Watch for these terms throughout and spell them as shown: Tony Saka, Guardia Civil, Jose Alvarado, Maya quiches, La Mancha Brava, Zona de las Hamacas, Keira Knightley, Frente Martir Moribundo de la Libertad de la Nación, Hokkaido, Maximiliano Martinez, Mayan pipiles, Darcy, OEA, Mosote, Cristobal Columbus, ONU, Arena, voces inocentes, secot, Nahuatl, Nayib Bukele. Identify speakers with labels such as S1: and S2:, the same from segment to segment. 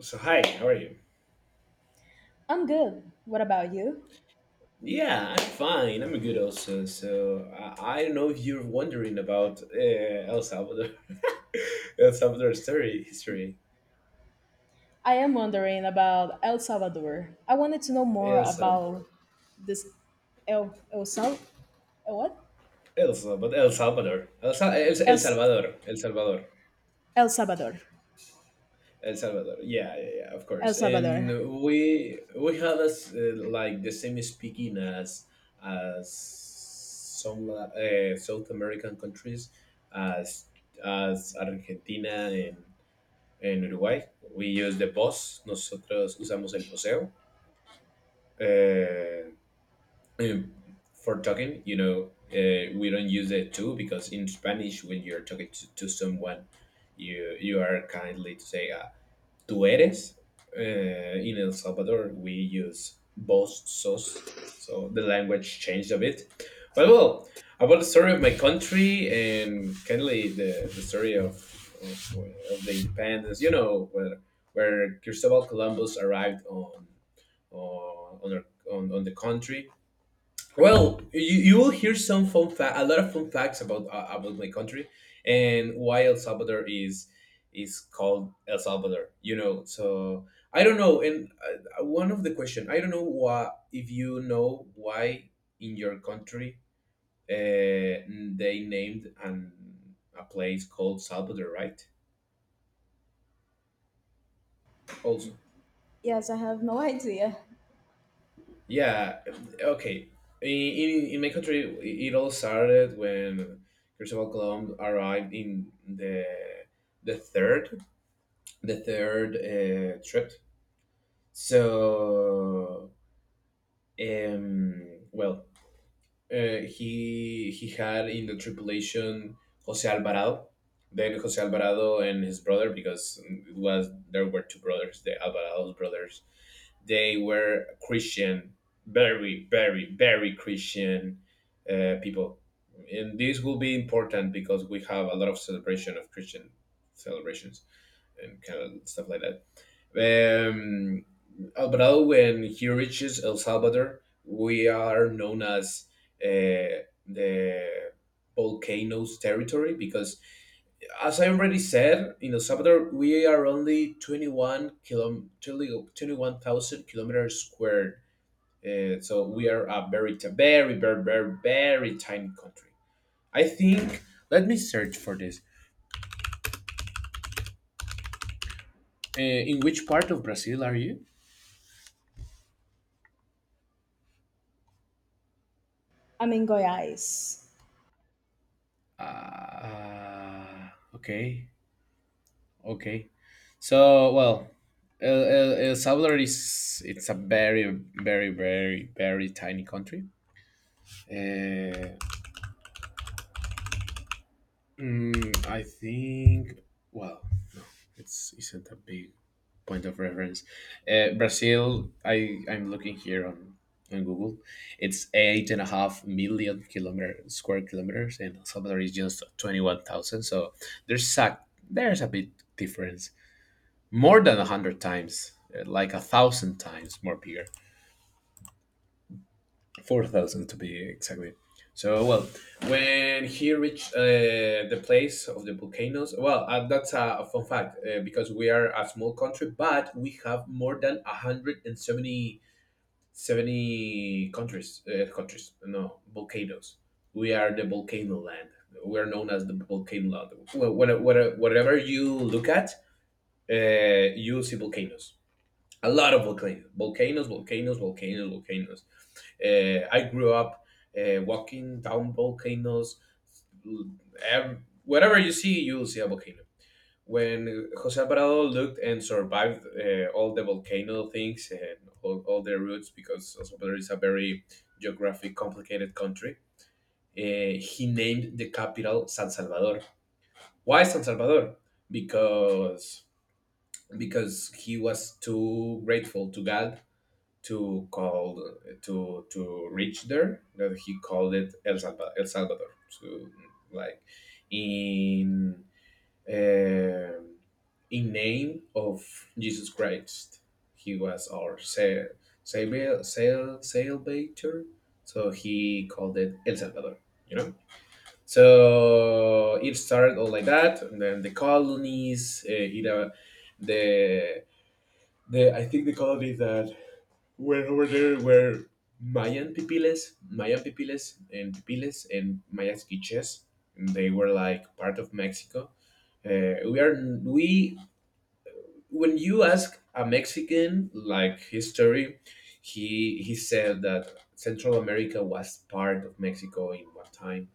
S1: So hi, how are you?
S2: I'm good. What about you?
S1: Yeah, I'm fine. I'm good also. So I don't know if you're wondering about El Salvador, El Salvador story history,
S2: I am wondering about El Salvador. I wanted to know more
S1: El
S2: about
S1: Salvador,
S2: this. El El Sal El what?
S1: El Salvador, El Salvador, El, El
S2: El
S1: Salvador, El Salvador,
S2: El Salvador.
S1: El Salvador. Yeah, yeah, yeah, of
S2: El
S1: course. And
S2: Salvador.
S1: we have us like the same speaking as some South American countries, as Argentina and en Uruguay. We use the boss. Nosotros usamos el poseo. Uh, for talking, we don't use the to because in Spanish, when you're talking to someone, you are kindly to say, tú eres. In El Salvador, we use vos sos. So the language changed a bit. But well, about the story of my country and kindly the story of, of the independence, where Cristobal Columbus arrived on, on, our, on the country. Well, you will hear some a lot of fun facts about my country and why El Salvador is called El Salvador. So I don't know. And one of the question I don't know why if you know why in your country uh, they named an a place called Salvador, right? Also.
S2: Yes, I have no idea.
S1: Yeah, okay. In my country, it all started when Christopher Columbus arrived in the third trip. So, well, he had in the tripulation Jose Alvarado, then Jose Alvarado and his brother because it was there were two brothers, the Alvarado brothers. They were Christian, very very very Christian people, and this will be important because we have a lot of celebration of Christian celebrations and kind of stuff like that. Um, Alvarado, when he reaches El Salvador, we are known as the volcanoes territory because, as I already said, in El Salvador we are only 21 kilom 21,000 kilometers squared. So we are a very, very, very, very, very tiny country. I think. Let me search for this. In which part of Brazil are you?
S2: I'm in Goiás.
S1: Uh, okay. Okay. So, well, El Salvador is it's a very, very, very, very tiny country. Uh, I think. Well, no, it's isn't a big point of reference. Brazil. I'm looking here on Google. It's 8.5 million kilometer square kilometers, and El Salvador is just 21,000. So there's a there's a bit difference. More than 100 times, like 1,000 times more bigger, 4,000 to be exactly. So well, when he reached the place of the volcanoes, well, that's a fun fact because we are a small country, but we have more than 170 countries, no volcanoes. We are the volcano land. We are known as the volcano land. Whatever you look at, you see volcanoes a lot of volcanoes, volcanoes, volcanoes, volcanoes, volcanoes. I grew up walking down volcanoes. Whatever you see, you'll see a volcano. When Jose Alvarado looked and survived all the volcano things and all their roots, because El Salvador is a very geographic, complicated country, he named the capital San Salvador. Why San Salvador? Because because he was too grateful to God to call to reach there that he called it El Salvador, El Salvador. So like in um in name of Jesus Christ, he was our savior, sail, salvator. So he called it El Salvador. You know, so it started all like that, and then the colonies, the the I think the colonies that where over there were Mayan pipiles, and pipiles, and Maya quiches. And they were like part of Mexico. We are we when you ask a Mexican like history, he said that Central America was part of Mexico in one time.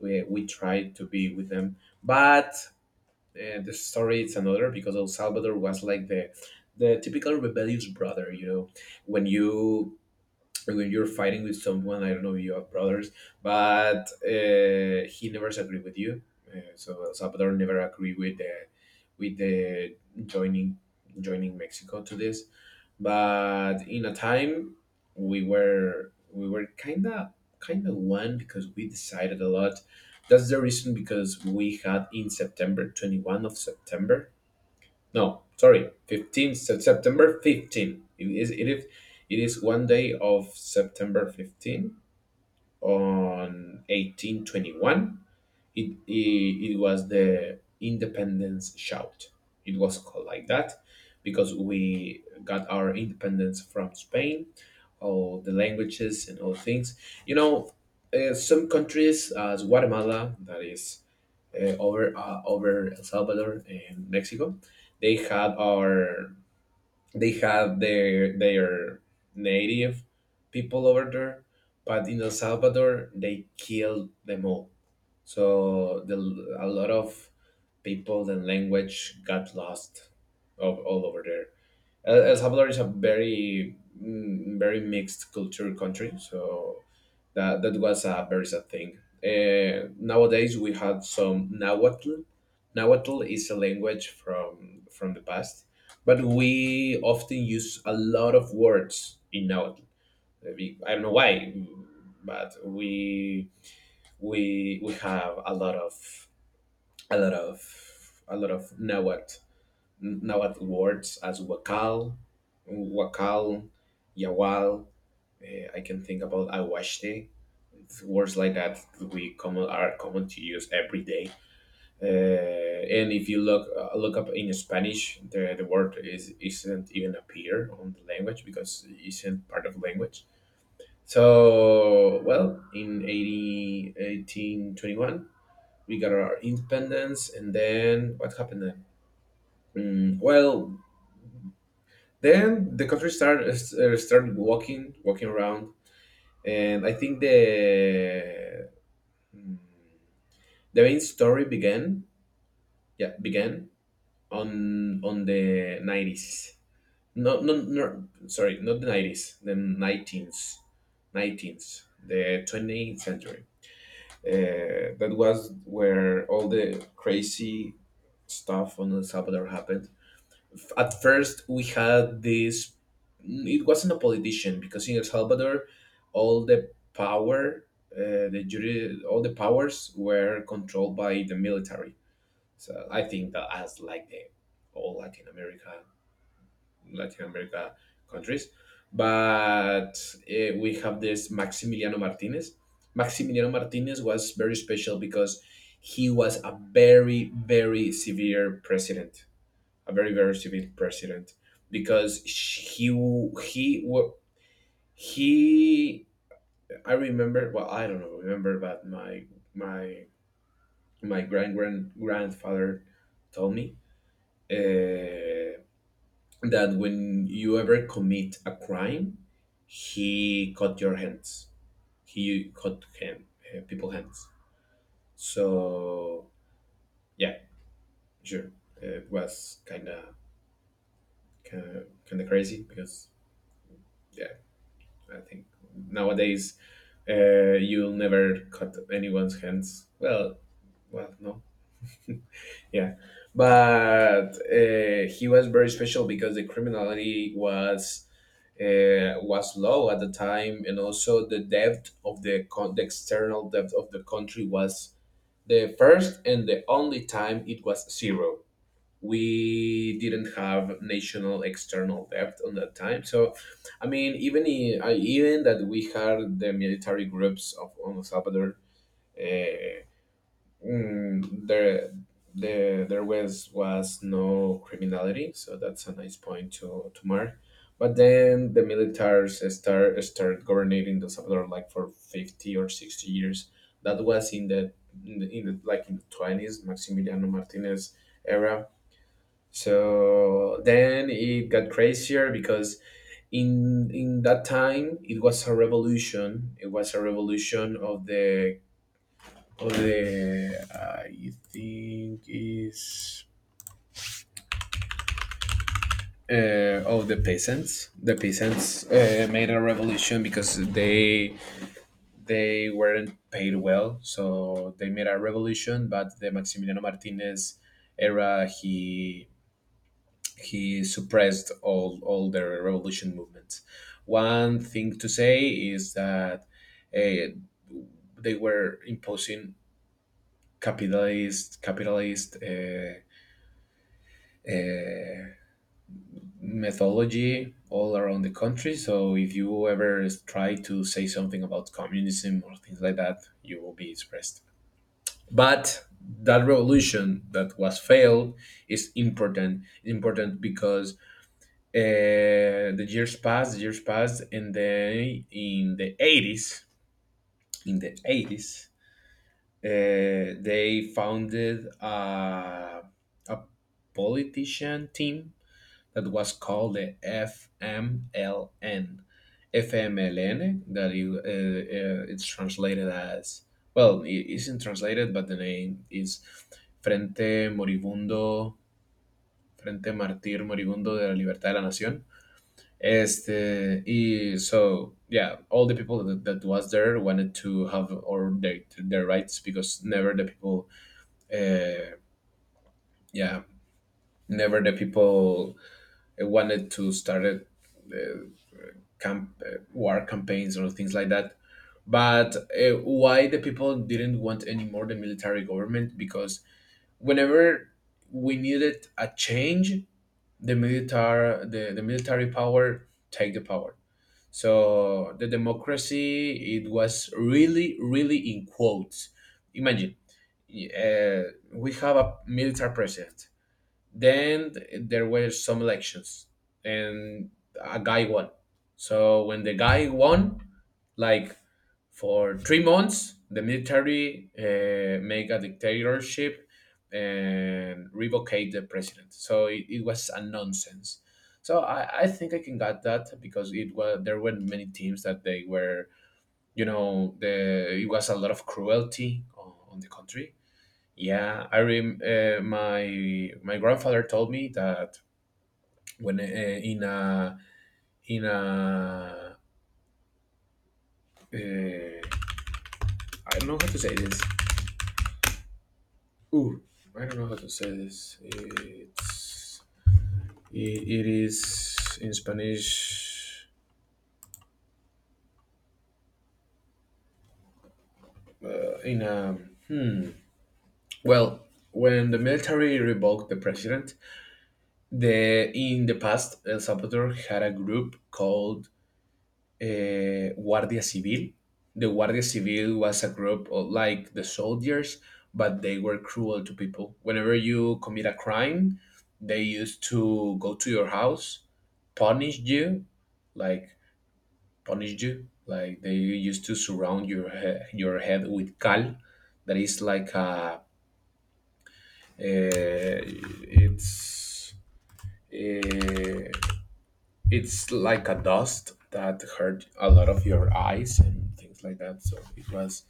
S1: We tried to be with them, but the story is another because El Salvador was like the typical rebellious brother. You know, when you or when you're fighting with someone, I don't know if you have brothers, but he never agree with you. So El Salvador never agree with the joining joining Mexico to this. But in a time we were kinda one because we decided a lot. That's the reason because we had in September 21 of September no, sorry, 15th September 15. It is one day of September 15 on 1821. It was the independence shout. It was called like that because we got our independence from Spain, all the languages and all things. You know, some countries as Guatemala, that is over over El Salvador and Mexico, they had our they have their native people over there, but in El Salvador they killed them all. So a lot of people and language got lost all over there. El Salvador is a very very mixed culture country, so that was a very sad thing. Nowadays we have some Nahuatl. Nahuatl is a language from the past, but we often use a lot of words in Nahuatl. I don't know why, but we have a lot of a lot of Nahuatl words as wakal, wakal, yawal. I can think about aguaste words like that we common are common to use every day. And if you look up in Spanish, the word is isn't even appear on the language because it isn't part of language. So well, in 80, 1821, we got our independence, and then what happened then? Well, then the country started started walking around, and I think mm, the main story began yeah began on the 90s no no no sorry not the 90s the 19th the 20th century. That was where all the crazy stuff on El Salvador happened. At first we had this. It wasn't a politician because in El Salvador all the power the jury all the powers were controlled by the military. So I think that as like the all Latin America countries, but we have this Maximiliano Martinez. Maximiliano Martinez was very special because he was a very very severe president, a very very severe president because sh- he w- he wa- he I remember well I don't know remember but my my grand grand grandfather told me uh, that when you ever commit a crime, he cut your hands. He cut hand, people hands. So yeah, sure, it was kind of crazy because yeah, I think nowadays you'll never cut anyone's hands. Well, no, yeah, but he was very special because the criminality was low at the time, and also the debt of the external debt of the country was the first and the only time it was zero. We didn't have national external debt on that time, so I mean, even even that we had the military groups of on El Salvador. Uh, mm, there there was no criminality, so that's a nice point to mark. But then the militars start governing the Salvador like for 50 or 60 years. That was in the in the, in the like in the 20s Maximiliano Martinez era. So then it got crazier because in that time it was a revolution of the I think is of the peasants. The peasants made a revolution because they weren't paid well, so they made a revolution. But the Maximiliano Martinez era, he suppressed all their revolution movements. One thing to say is that uh, they were imposing capitalist. Uh, mythology all around the country. So if you ever try to say something about communism or things like that, you will be suppressed. But that revolution that was failed is important. Important because the years passed, and then in the eighties, they founded a politician team that was called the FMLN that it's translated as well. It isn't translated, but the name is Frente Moribundo, Frente Martir Moribundo de la Libertad de la Nación. Este, y so yeah, all the people that was there wanted to have or their rights because never the people, uh, yeah, never the people wanted to start uh, camp war campaigns or things like that, but why the people didn't want anymore the military government, because whenever we needed a change, the military the military power take the power. So the democracy, it was really really in quotes. Imagine, uh, we have a military president, then there were some elections, and a guy won. So when the guy won, like, for 3 months the military make a dictatorship and revocate the president. So it was a nonsense. So I think I can get that, because it was there were many teams that they were, you know, the it was a lot of cruelty on the country. Yeah, I rem my grandfather told me that when in a I don't know how to say this. Ooh, I don't know how to say this. It's it is in Spanish. In a, hmm. Well, when the military revoked the president, the in the past El Salvador had a group called Guardia Civil. The Guardia Civil was a group of, like the soldiers, but they were cruel to people. Whenever you commit a crime, they used to go to your house, punish you, like, punished you. Like, they used to surround your your head with cal, that is like a uh, it's uh, it's like a dust that hurt a lot of your eyes and things like that. So it was,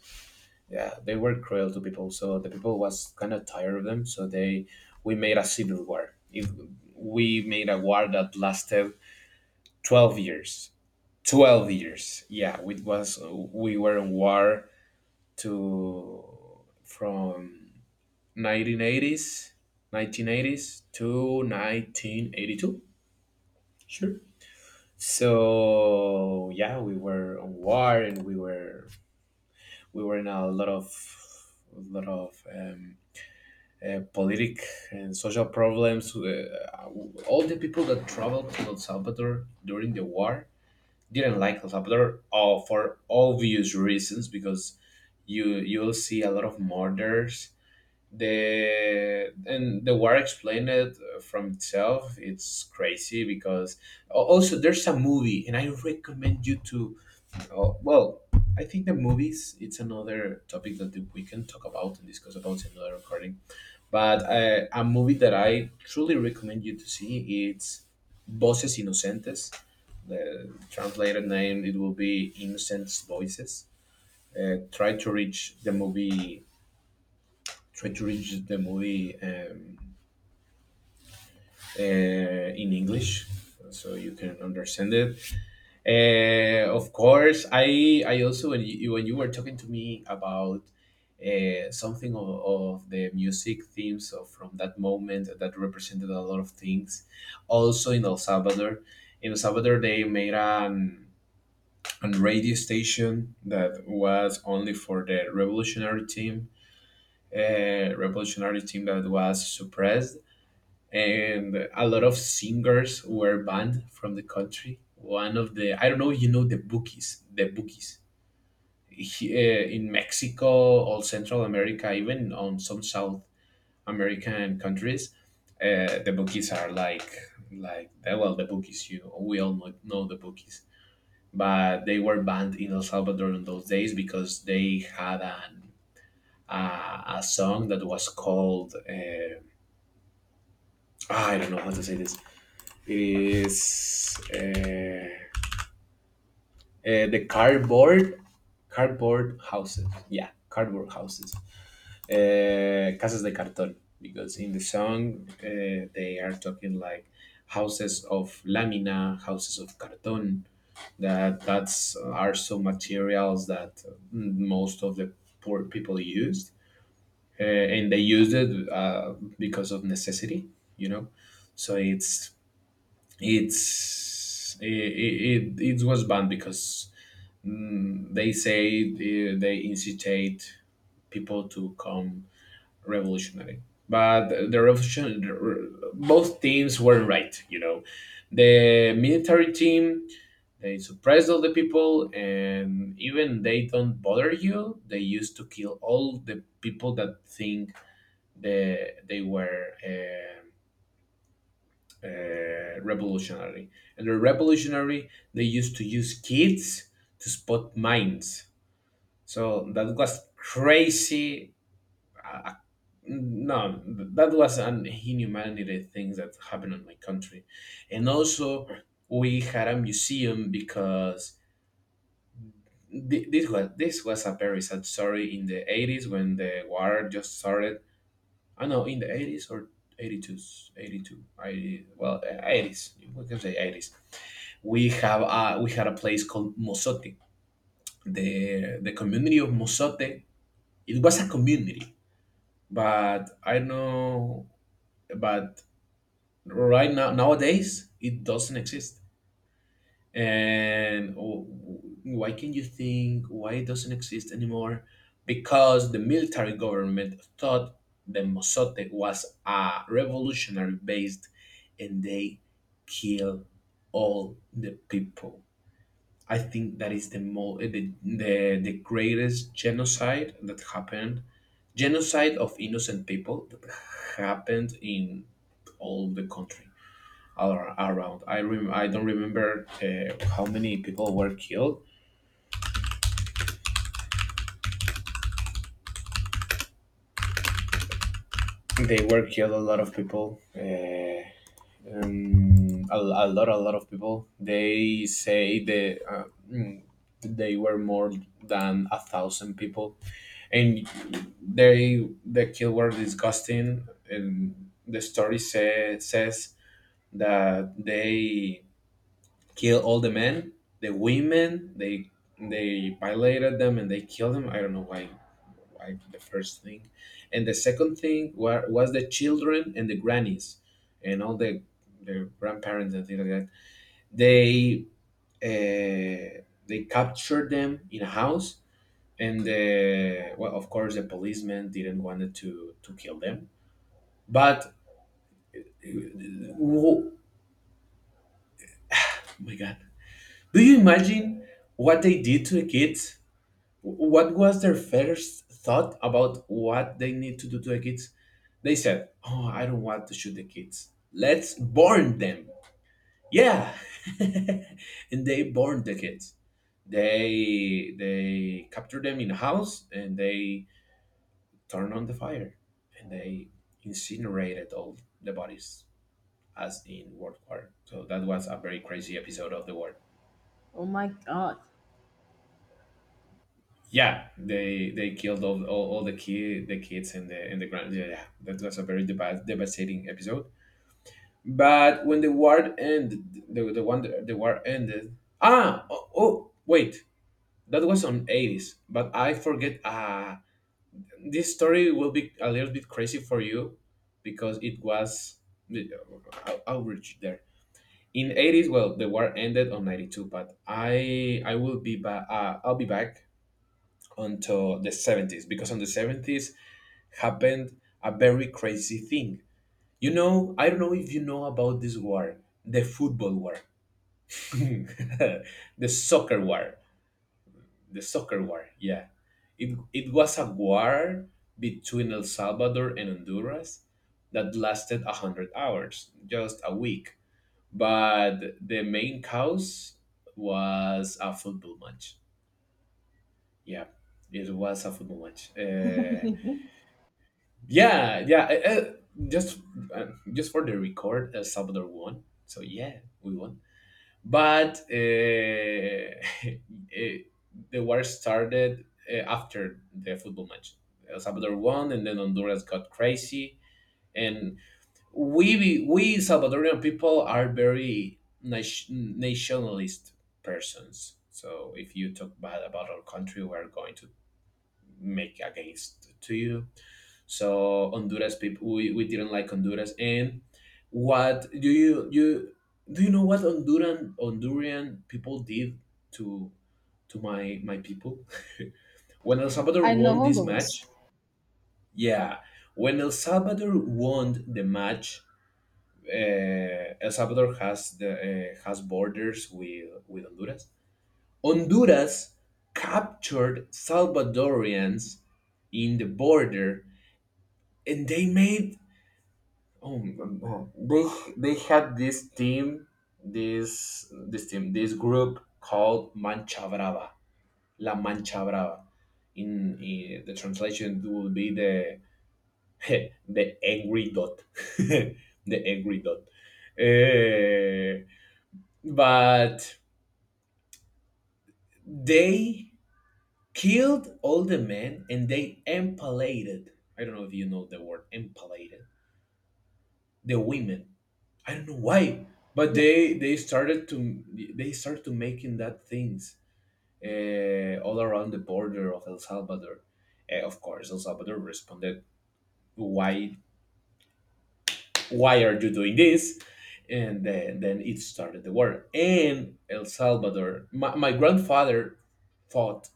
S1: yeah, they were cruel to people. So the people was kind of tired of them. So they, we made a civil war. If we made a war that lasted 12 years. 12 years, yeah, it was, we were in war to, from 1980s, 1980s to 1982. Sure. So yeah, we were on war and we were, we were in a lot of, lot of um, politic and social problems. All the people that traveled to el salvador during the war didn't like el salvador, for obvious reasons, because you, you'll see a lot of murders, the and the war explained it from itself. It's crazy because also there's a movie and I recommend you to, oh, well, I think the movies it's another topic that we can talk about and discuss about in another recording. But a movie that I truly recommend you to see, it's voces inocentes. The translated name, it will be innocent voices. Try to reach the movie, try to reach the movie, uh, in English, so you can understand it. Of course, I also, when you were talking to me about something of the music themes of from that moment that represented a lot of things. Also in El Salvador they made an radio station that was only for the revolutionary team that was suppressed, and a lot of singers were banned from the country. One of the, I don't know if you know the bookies, the bookies. In Mexico, all Central America, even on some South American countries, the bookies are like, well, the bookies you, we all know the bookies, but they were banned in El Salvador in those days because they had an, a song that was called I don't know how to say this. It is the cardboard, cardboard houses. Yeah, cardboard houses. Casas de cartón. Because in the song they are talking like houses of lamina, houses of cartón. That's are some materials that, mm, most of the poor people used, and they used it because of necessity. You know, so it's it was banned because, mm, they say they incitate people to come revolutionary. But the revolution both teams were right, you know. The military team, they suppress all the people and even they don't bother you, they used to kill all the people that think they were revolutionary. And the revolutionary, they used to use kids to spot mines. So that was crazy. No, that was an inhumanity things that happened in my country. And also, we had a museum because this was a very sad story in the 80s when the war just started. I know in the 80s or 82s, 82, I well, 80s. We can say 80s, we have a we had a place called Mosote. The community of Mosote. It was a community, but I know, but right now, nowadays it doesn't exist. And why, can you think why it doesn't exist anymore? Because the military government thought the Mosote was a revolutionary based, and they killed all the people. I think that is the the greatest genocide that happened, genocide of innocent people that happened in all the country, around. I don't remember how many people were killed. They were killed. A lot of people. A lot of people, they say they mm, they were more than 1,000 people. And they, the kill were disgusting, and the story say, says that they kill all the men, the women. They violated them and they killed them. I don't know why. Why the first thing, and the second thing was the children and the grannies, and all the grandparents and things like that. They they captured them in a house, and the, well, of course, the policemen didn't want to kill them. But, oh my god, do you imagine what they did to the kids? What was their first thought about what they need to do to the kids? They said, "Oh, I don't want to shoot the kids. Let's burn them." Yeah, and they burned the kids. They captured them in a house and they turned on the fire and they incinerated all the bodies as in World War. So that was a very crazy episode of the war.
S2: Oh my god.
S1: Yeah, they killed all all the kid the kids in the, in the ground. Yeah, yeah, that was a very devastating episode. But when the war ended, the war ended. Ah, oh, oh, wait, that was on eighties. But I forget. Ah, this story will be a little bit crazy for you because it was I'll reach there in 80s. Well, the war ended on 92, but I will be back, I'll be back until the 70s, because on the 70s happened a very crazy thing. You know, I don't know if you know about this war, the football war, the soccer war, the soccer war. Yeah, it was a war between El Salvador and Honduras that lasted a hundred hours, just a week. But the main cause was a football match. Yeah, it was a football match. Yeah, yeah. uh, uh, just uh, just for the record, El Salvador won. So yeah, we won. But uh, the war started after the football match. El Salvador won, and then Honduras got crazy. And we Salvadorian people are very nationalist persons. So if you talk bad about our country, we're going to make against to you. So Honduras people, we didn't like Honduras. And what do you know what Honduran Honduran people did to to my people when El Salvador
S2: I know
S1: won this
S2: Honduras.
S1: match? Yeah, when El Salvador won the match, El Salvador has the has borders with Honduras. Honduras captured Salvadorians in the border and they made, oh, oh, they had this team, this this team, this group called Mancha Brava, La Mancha Brava. In the translation it will be the the angry dot, the angry dot. Eh, but they killed all the men and they impalated, I don't know if you know the word impalated, the women, I don't know why, but
S2: Yes.
S1: they started to, they started to making that things all around the border of El Salvador. Eh, of course, El Salvador responded, "Why why are you doing this?" And then it started the war. And El Salvador, my grandfather fought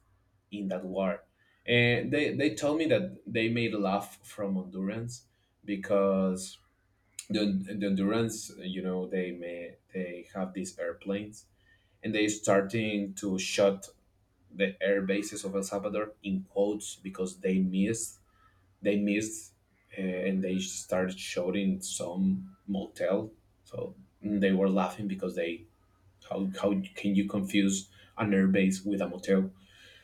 S1: in that war. And they told me that they made a laugh from Hondurans because the, the Hondurans, you know, they have these airplanes, and they starting to shut the air bases of El Salvador in quotes, because they missed, they missed, uh, and they started shouting some motel. So, mm, they were laughing because they, how can you confuse an airbase with a motel?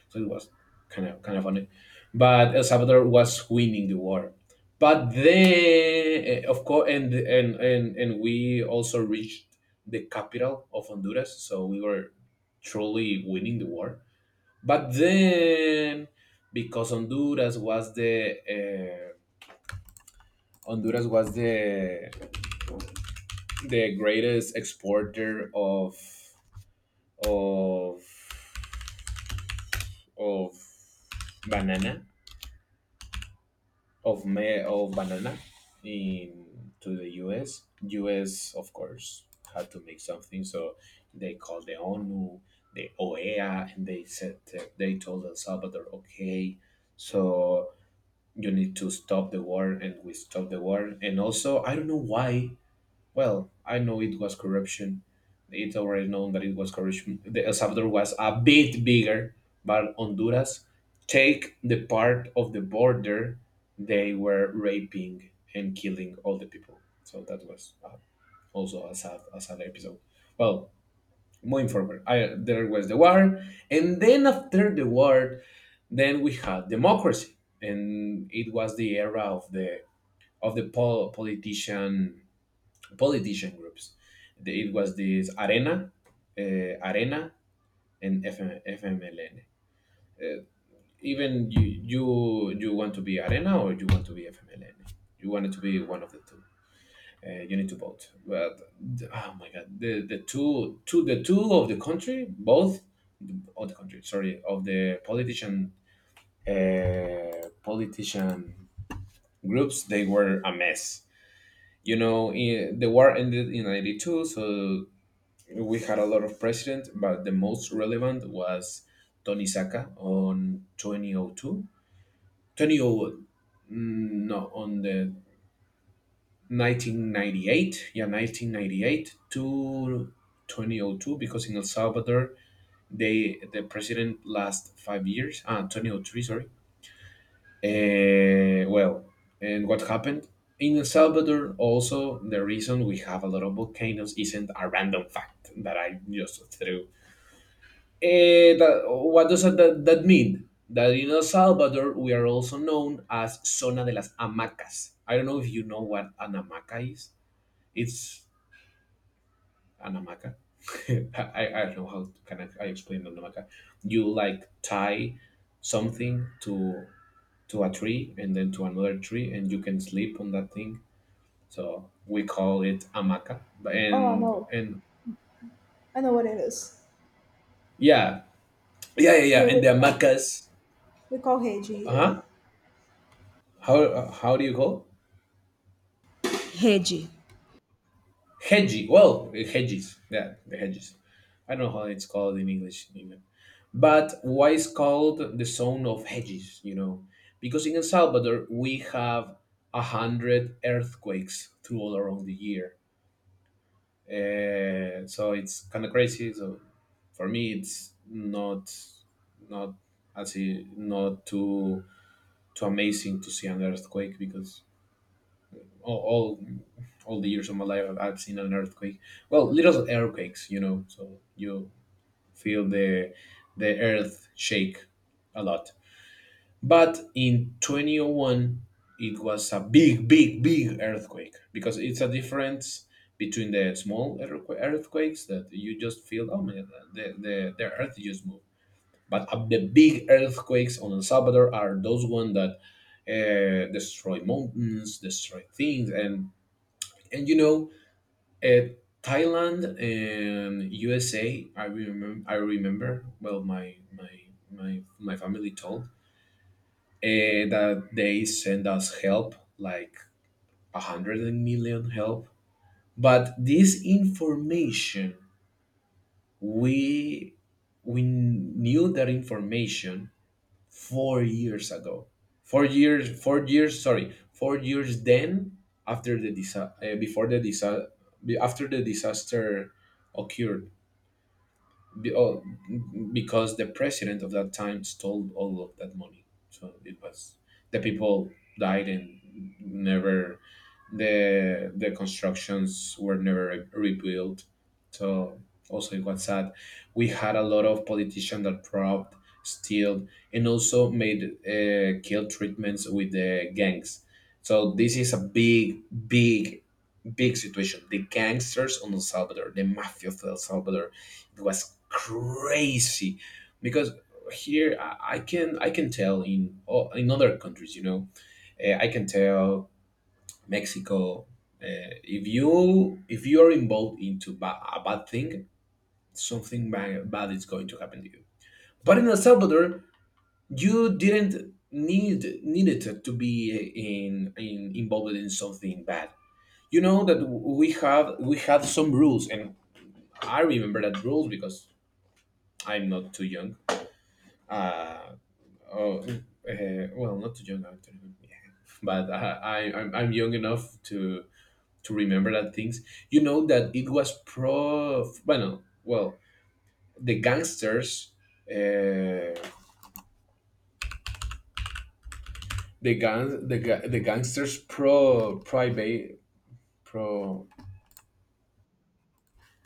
S1: So it was kind of, kind of funny. But El Salvador was winning the war. But then, eh, of course, and we also reached the capital of Honduras, so we were truly winning the war. But then, because Honduras was the greatest exporter of of banana of banana in to the U S of course had to make something, so they called the ONU, the OEA, and they told El Salvador, okay, so you need to stop the war, and we stopped the war. And also, I don't know why. Well, I know it was corruption. It's already known that it was corruption. The El Salvador was a bit bigger, but Honduras take the part of the border. They were raping and killing all the people. So that was also a sad episode. Well, moving forward, there was the war, and then after the war, then we had democracy, and it was the era of the of the pol- politician politician groups. It was this Arena, uh, Arena, and FMLN. Uh, even you, you want to be Arena or you want to be FMLN. You wanted to be one of the two. You need to vote. But oh my God, the two of the country, both of the country. Sorry, of the politician, uh, politician groups, they were a mess. You know, the war ended in ninety two, so we had a lot of presidents, but the most relevant was Tony Saka on 2002. 200 mm, no, on the 1998. Yeah, 1998 to 2002, because in El Salvador, the president last 5 years, 2003, sorry. Well, and what happened? In El Salvador, also, the reason we have a lot of volcanoes isn't a random fact that I just threw. What does that mean? That in El Salvador, we are also known as Zona de las Hamacas. I don't know if you know what an hamaca is. It's an hamaca. I don't know can I explain an hamaca. You like tie something to a tree and then to another tree, and you can sleep on that thing. So we call it hamaca.
S2: Oh, I
S1: And
S2: know.
S1: and
S2: I know what it is.
S1: yeah, yeah, yeah, yeah.
S2: Here
S1: And the hamacas.
S2: we call Haiti
S1: Uh
S2: here.
S1: huh. How do you call?
S2: Heji.
S1: Hedgy. Well, hedges. Yeah, the hedges. I don't know how it's called in English in England. But why it's called the zone of hedges, you know? Because in El Salvador, we have 100 earthquakes through all around the year. So it's kind of crazy. So for me, it's not, not, as not too amazing to see an earthquake, because all, all all the years of my life I've seen an earthquake. Well, little earthquakes, so you feel the earth shake a lot. But in 2001 it was a big big big earthquake, because it's a difference between the small earthquakes that you just feel. Oh man, the earth just moved. But the big earthquakes on El Salvador are those ones that destroy mountains, destroy things, and and uh, Thailand and USA. I remember. I remember. Well, my family told that they send us help, like 100 million help. But this information, we we knew that information 4 years ago. 4 years. 4 years. Sorry, 4 years. Then after the disa- uh, before the disa- after the disaster occurred. Be- oh, because the president of that time stole all of that money. So it was, the people died, and never the constructions were never rebuilt. So also it was sad. We had a lot of politicians that robbed, steal, and also made kill treatments with the gangs. So this is a big, big big situation. The gangsters on El Salvador, the mafia of El Salvador, it was crazy, because here I can tell, in other countries, I can tell Mexico. If you are involved into a bad thing, something bad is going to happen to you. But in El Salvador, you didn't needed to be in involved in something bad. You know that we had some rules, and I remember that rules, because I'm not too young. Uh, oh, uh well not too young, I'm 21, yeah. But I'm young enough to remember that things. You know that it was pro Well, well the gangsters, uh, the gangsters pro private pro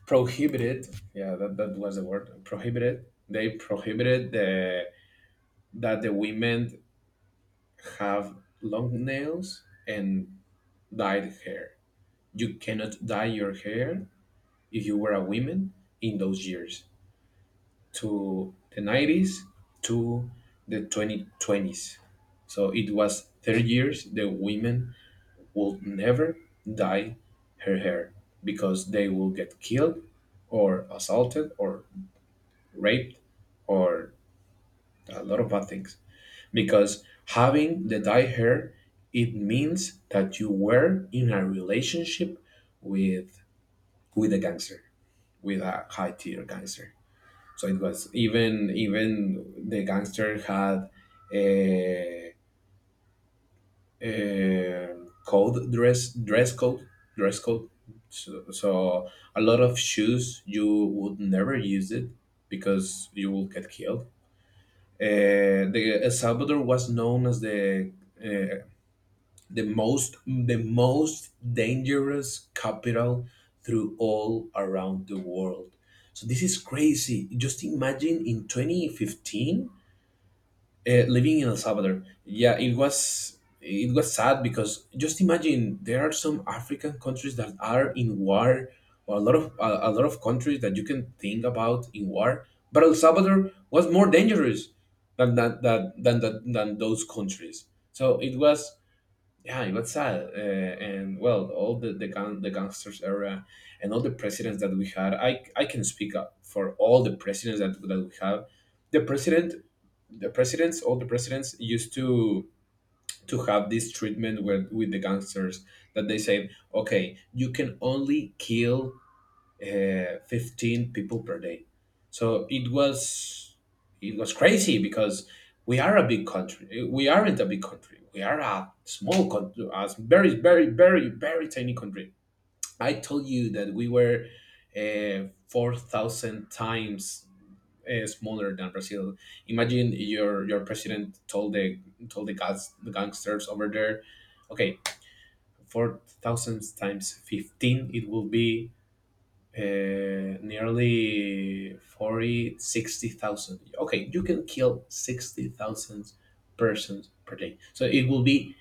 S1: prohibited. Yeah, that was the word prohibited. They prohibited the that the women have long nails and dyed hair. You cannot dye your hair if you were a woman in those years, to the 90s to the 2020s. So it was 30 years the women would never dye her hair, because they will get killed or assaulted or raped or a lot of bad things, because having the dye hair, it means that you were in a relationship with a gangster, with a high tier gangster. So it was, even the gangster had a, a code dress code. So, a lot of shoes you would never use it, because you will get killed. The El Salvador was known as the uh, the most the most dangerous capital through all around the world. So this is crazy, just imagine in 2015, living in El Salvador. Yeah, it was, it was sad, because just imagine there are some African countries that are in war, or a lot of a lot of countries that you can think about in war, but El Salvador was more dangerous than those countries. So it was, yeah, it was sad, and well, all the the gangsters era, and all the presidents that we had. I can speak up for all the presidents that, we have. The president, the presidents, all the presidents used to have this treatment with the gangsters, that they say, okay, you can only kill 15 people per day. So it was, it was crazy, because we are a big country. We aren't a big country. We are a small country, a very very very very tiny country. I told you that we were 4,000 times smaller than Brazil. Imagine your president told the guys, the gangsters over there, okay, 4,000 times 15, it will be nearly 40, 60,000. Okay, you can kill 60,000 persons per day, so it will be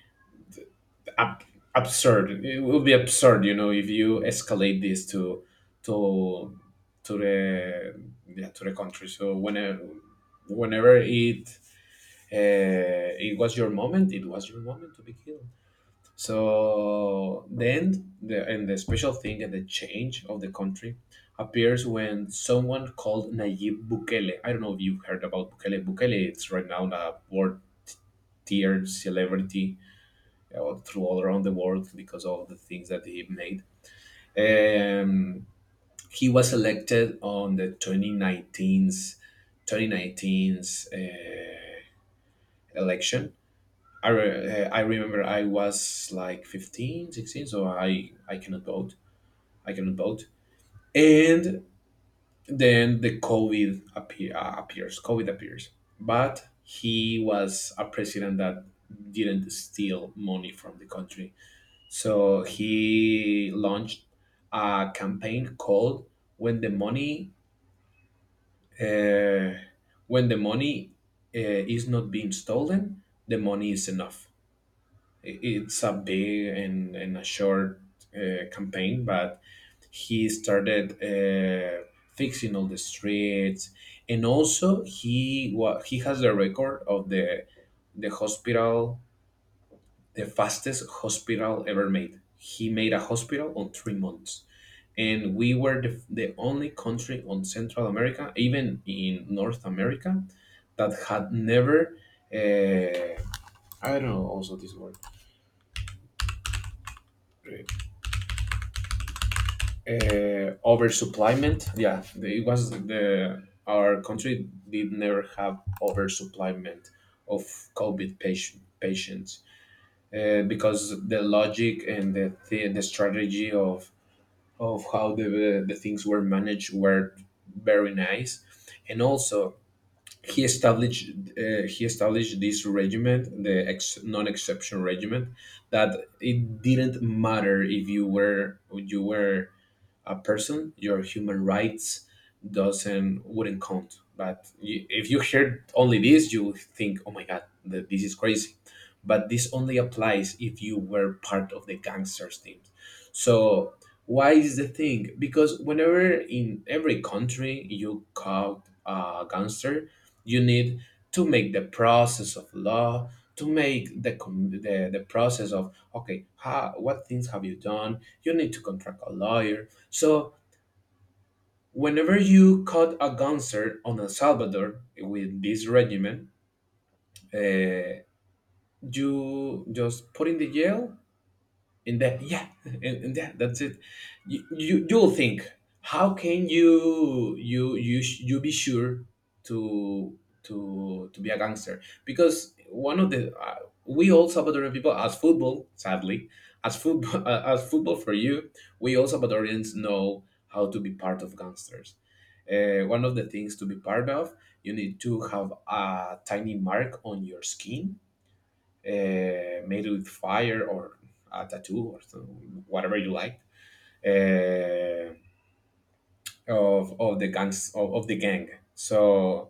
S1: ab- absurd. It will be absurd, if you escalate this to to the yeah, to the country. So whenever whenever it it was your moment, it was your moment to be killed. So then, and the special thing and the change of the country appears when someone called Nayib Bukele. I don't know if you've heard about Bukele. Bukele it's right now a world tier celebrity, through all around the world, because of the things that he made. Um, he was elected on the 2019's 2019's uh, election. I remember I was like 15, 16, so I cannot vote. I cannot vote. And then the COVID appears. COVID appears, but he was a president that didn't steal money from the country. So he launched a campaign called, "When the money, uh, when the money is not being stolen, the money is enough." It's a big, and a short campaign, but he started fixing all the streets, and also he has the record of the hospital, the fastest hospital ever made. He made a hospital on 3 months, and we were the only country on Central America, even in North America, that had never, uh, I don't know also this word, uh, oversupplyment. Yeah, it was, the our country did never have oversupplyment of COVID patients, because the logic and the strategy of how the things were managed were very nice, and also he established, he established this regiment, the non-exception regiment, that it didn't matter if you were a person, your human rights doesn't wouldn't count. But you, if you heard only this, you think, "Oh my God, this is crazy." But this only applies if you were part of the gangsters teams. So, why is the thing? Because whenever in every country you caught a gangster, you need to make the process of law, to make the process of, okay, how, what things have you done? You need to contract a lawyer. So whenever you caught a concert on El Salvador with this regiment, uh, you just put in the jail, and that, yeah. And, that that's it. You you'll think, how can you, you be sure to be a gangster? Because one of the, we all Salvadorian people as football sadly, as football as football for you, we all Salvadorians know how to be part of gangsters. One of the things to be part of, you need to have a tiny mark on your skin, made with fire or a tattoo or so, whatever you like, uh, of, the gangs, of the gang. So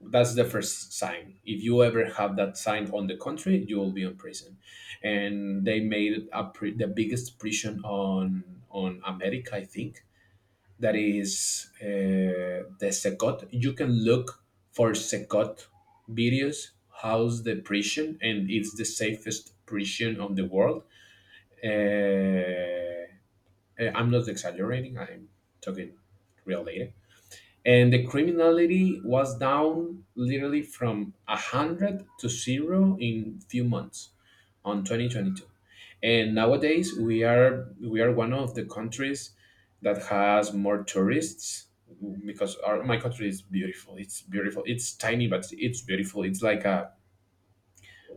S1: that's the first sign. If you ever have that sign on the country, you will be in prison. And they made the biggest prison on America, I think, that is, the Secot. You can look for Secot videos, how's the prison, and it's the safest prison on the world. uh, I'm not exaggerating. I'm talking real data. And the criminality was down literally from 100 to zero in few months on 2022. And nowadays we are, one of the countries that has more tourists, because our, my country is beautiful. It's beautiful. It's tiny, but it's beautiful. It's like a,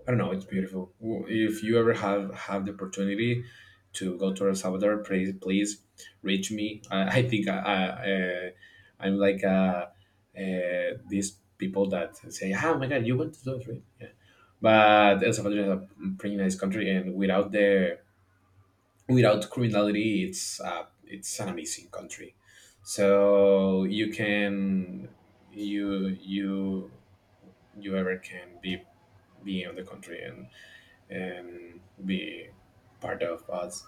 S1: I don't know, it's beautiful. If you ever have the opportunity to go to El Salvador, please please reach me. I think I'm like, these people that say, "Ah, oh my God, you went to those, right?" Yeah. But El Salvador is a pretty nice country, and without the, without criminality, it's, it's an amazing country. So you can, you you you ever can be, on the country, and be part of us,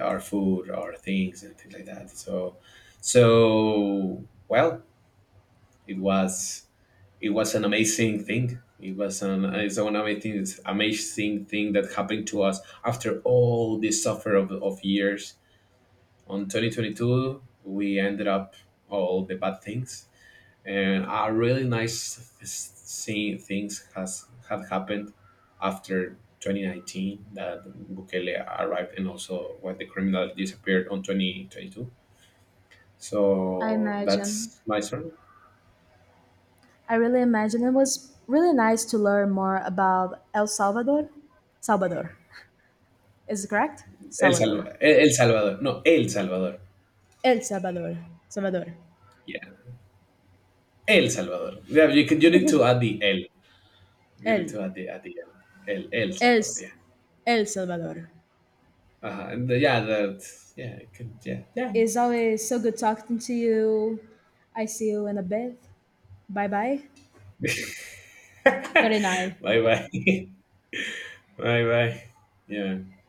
S1: our food, our things, and things like that. So, well, it was, an amazing thing. It was an, it's amazing thing that happened to us, after all this suffer of, years. On 2022, we ended up all the bad things, and a really nice seeing things has had happened after 2019, that Bukele arrived, and also when the criminal disappeared on 2022.
S2: I
S1: So
S2: imagine.
S1: that's my story.
S2: I really imagine it was really nice to learn more about El Salvador. Salvador. Is it correct?
S1: El
S2: Salvador.
S1: Salvador. El, El Salvador. No, El Salvador.
S2: El Salvador. Salvador.
S1: Yeah. El Salvador. Yeah, you can, you need to add the El. You need
S2: El.
S1: to add the El. El, El
S2: El.
S1: Salvador, yeah.
S2: El Salvador.
S1: Uh-huh. And the, yeah, that, yeah, it could, yeah, yeah.
S2: It's always so good talking to you. I see you in a bit. Bye bye. 39.
S1: Bye bye. Bye bye. Yeah.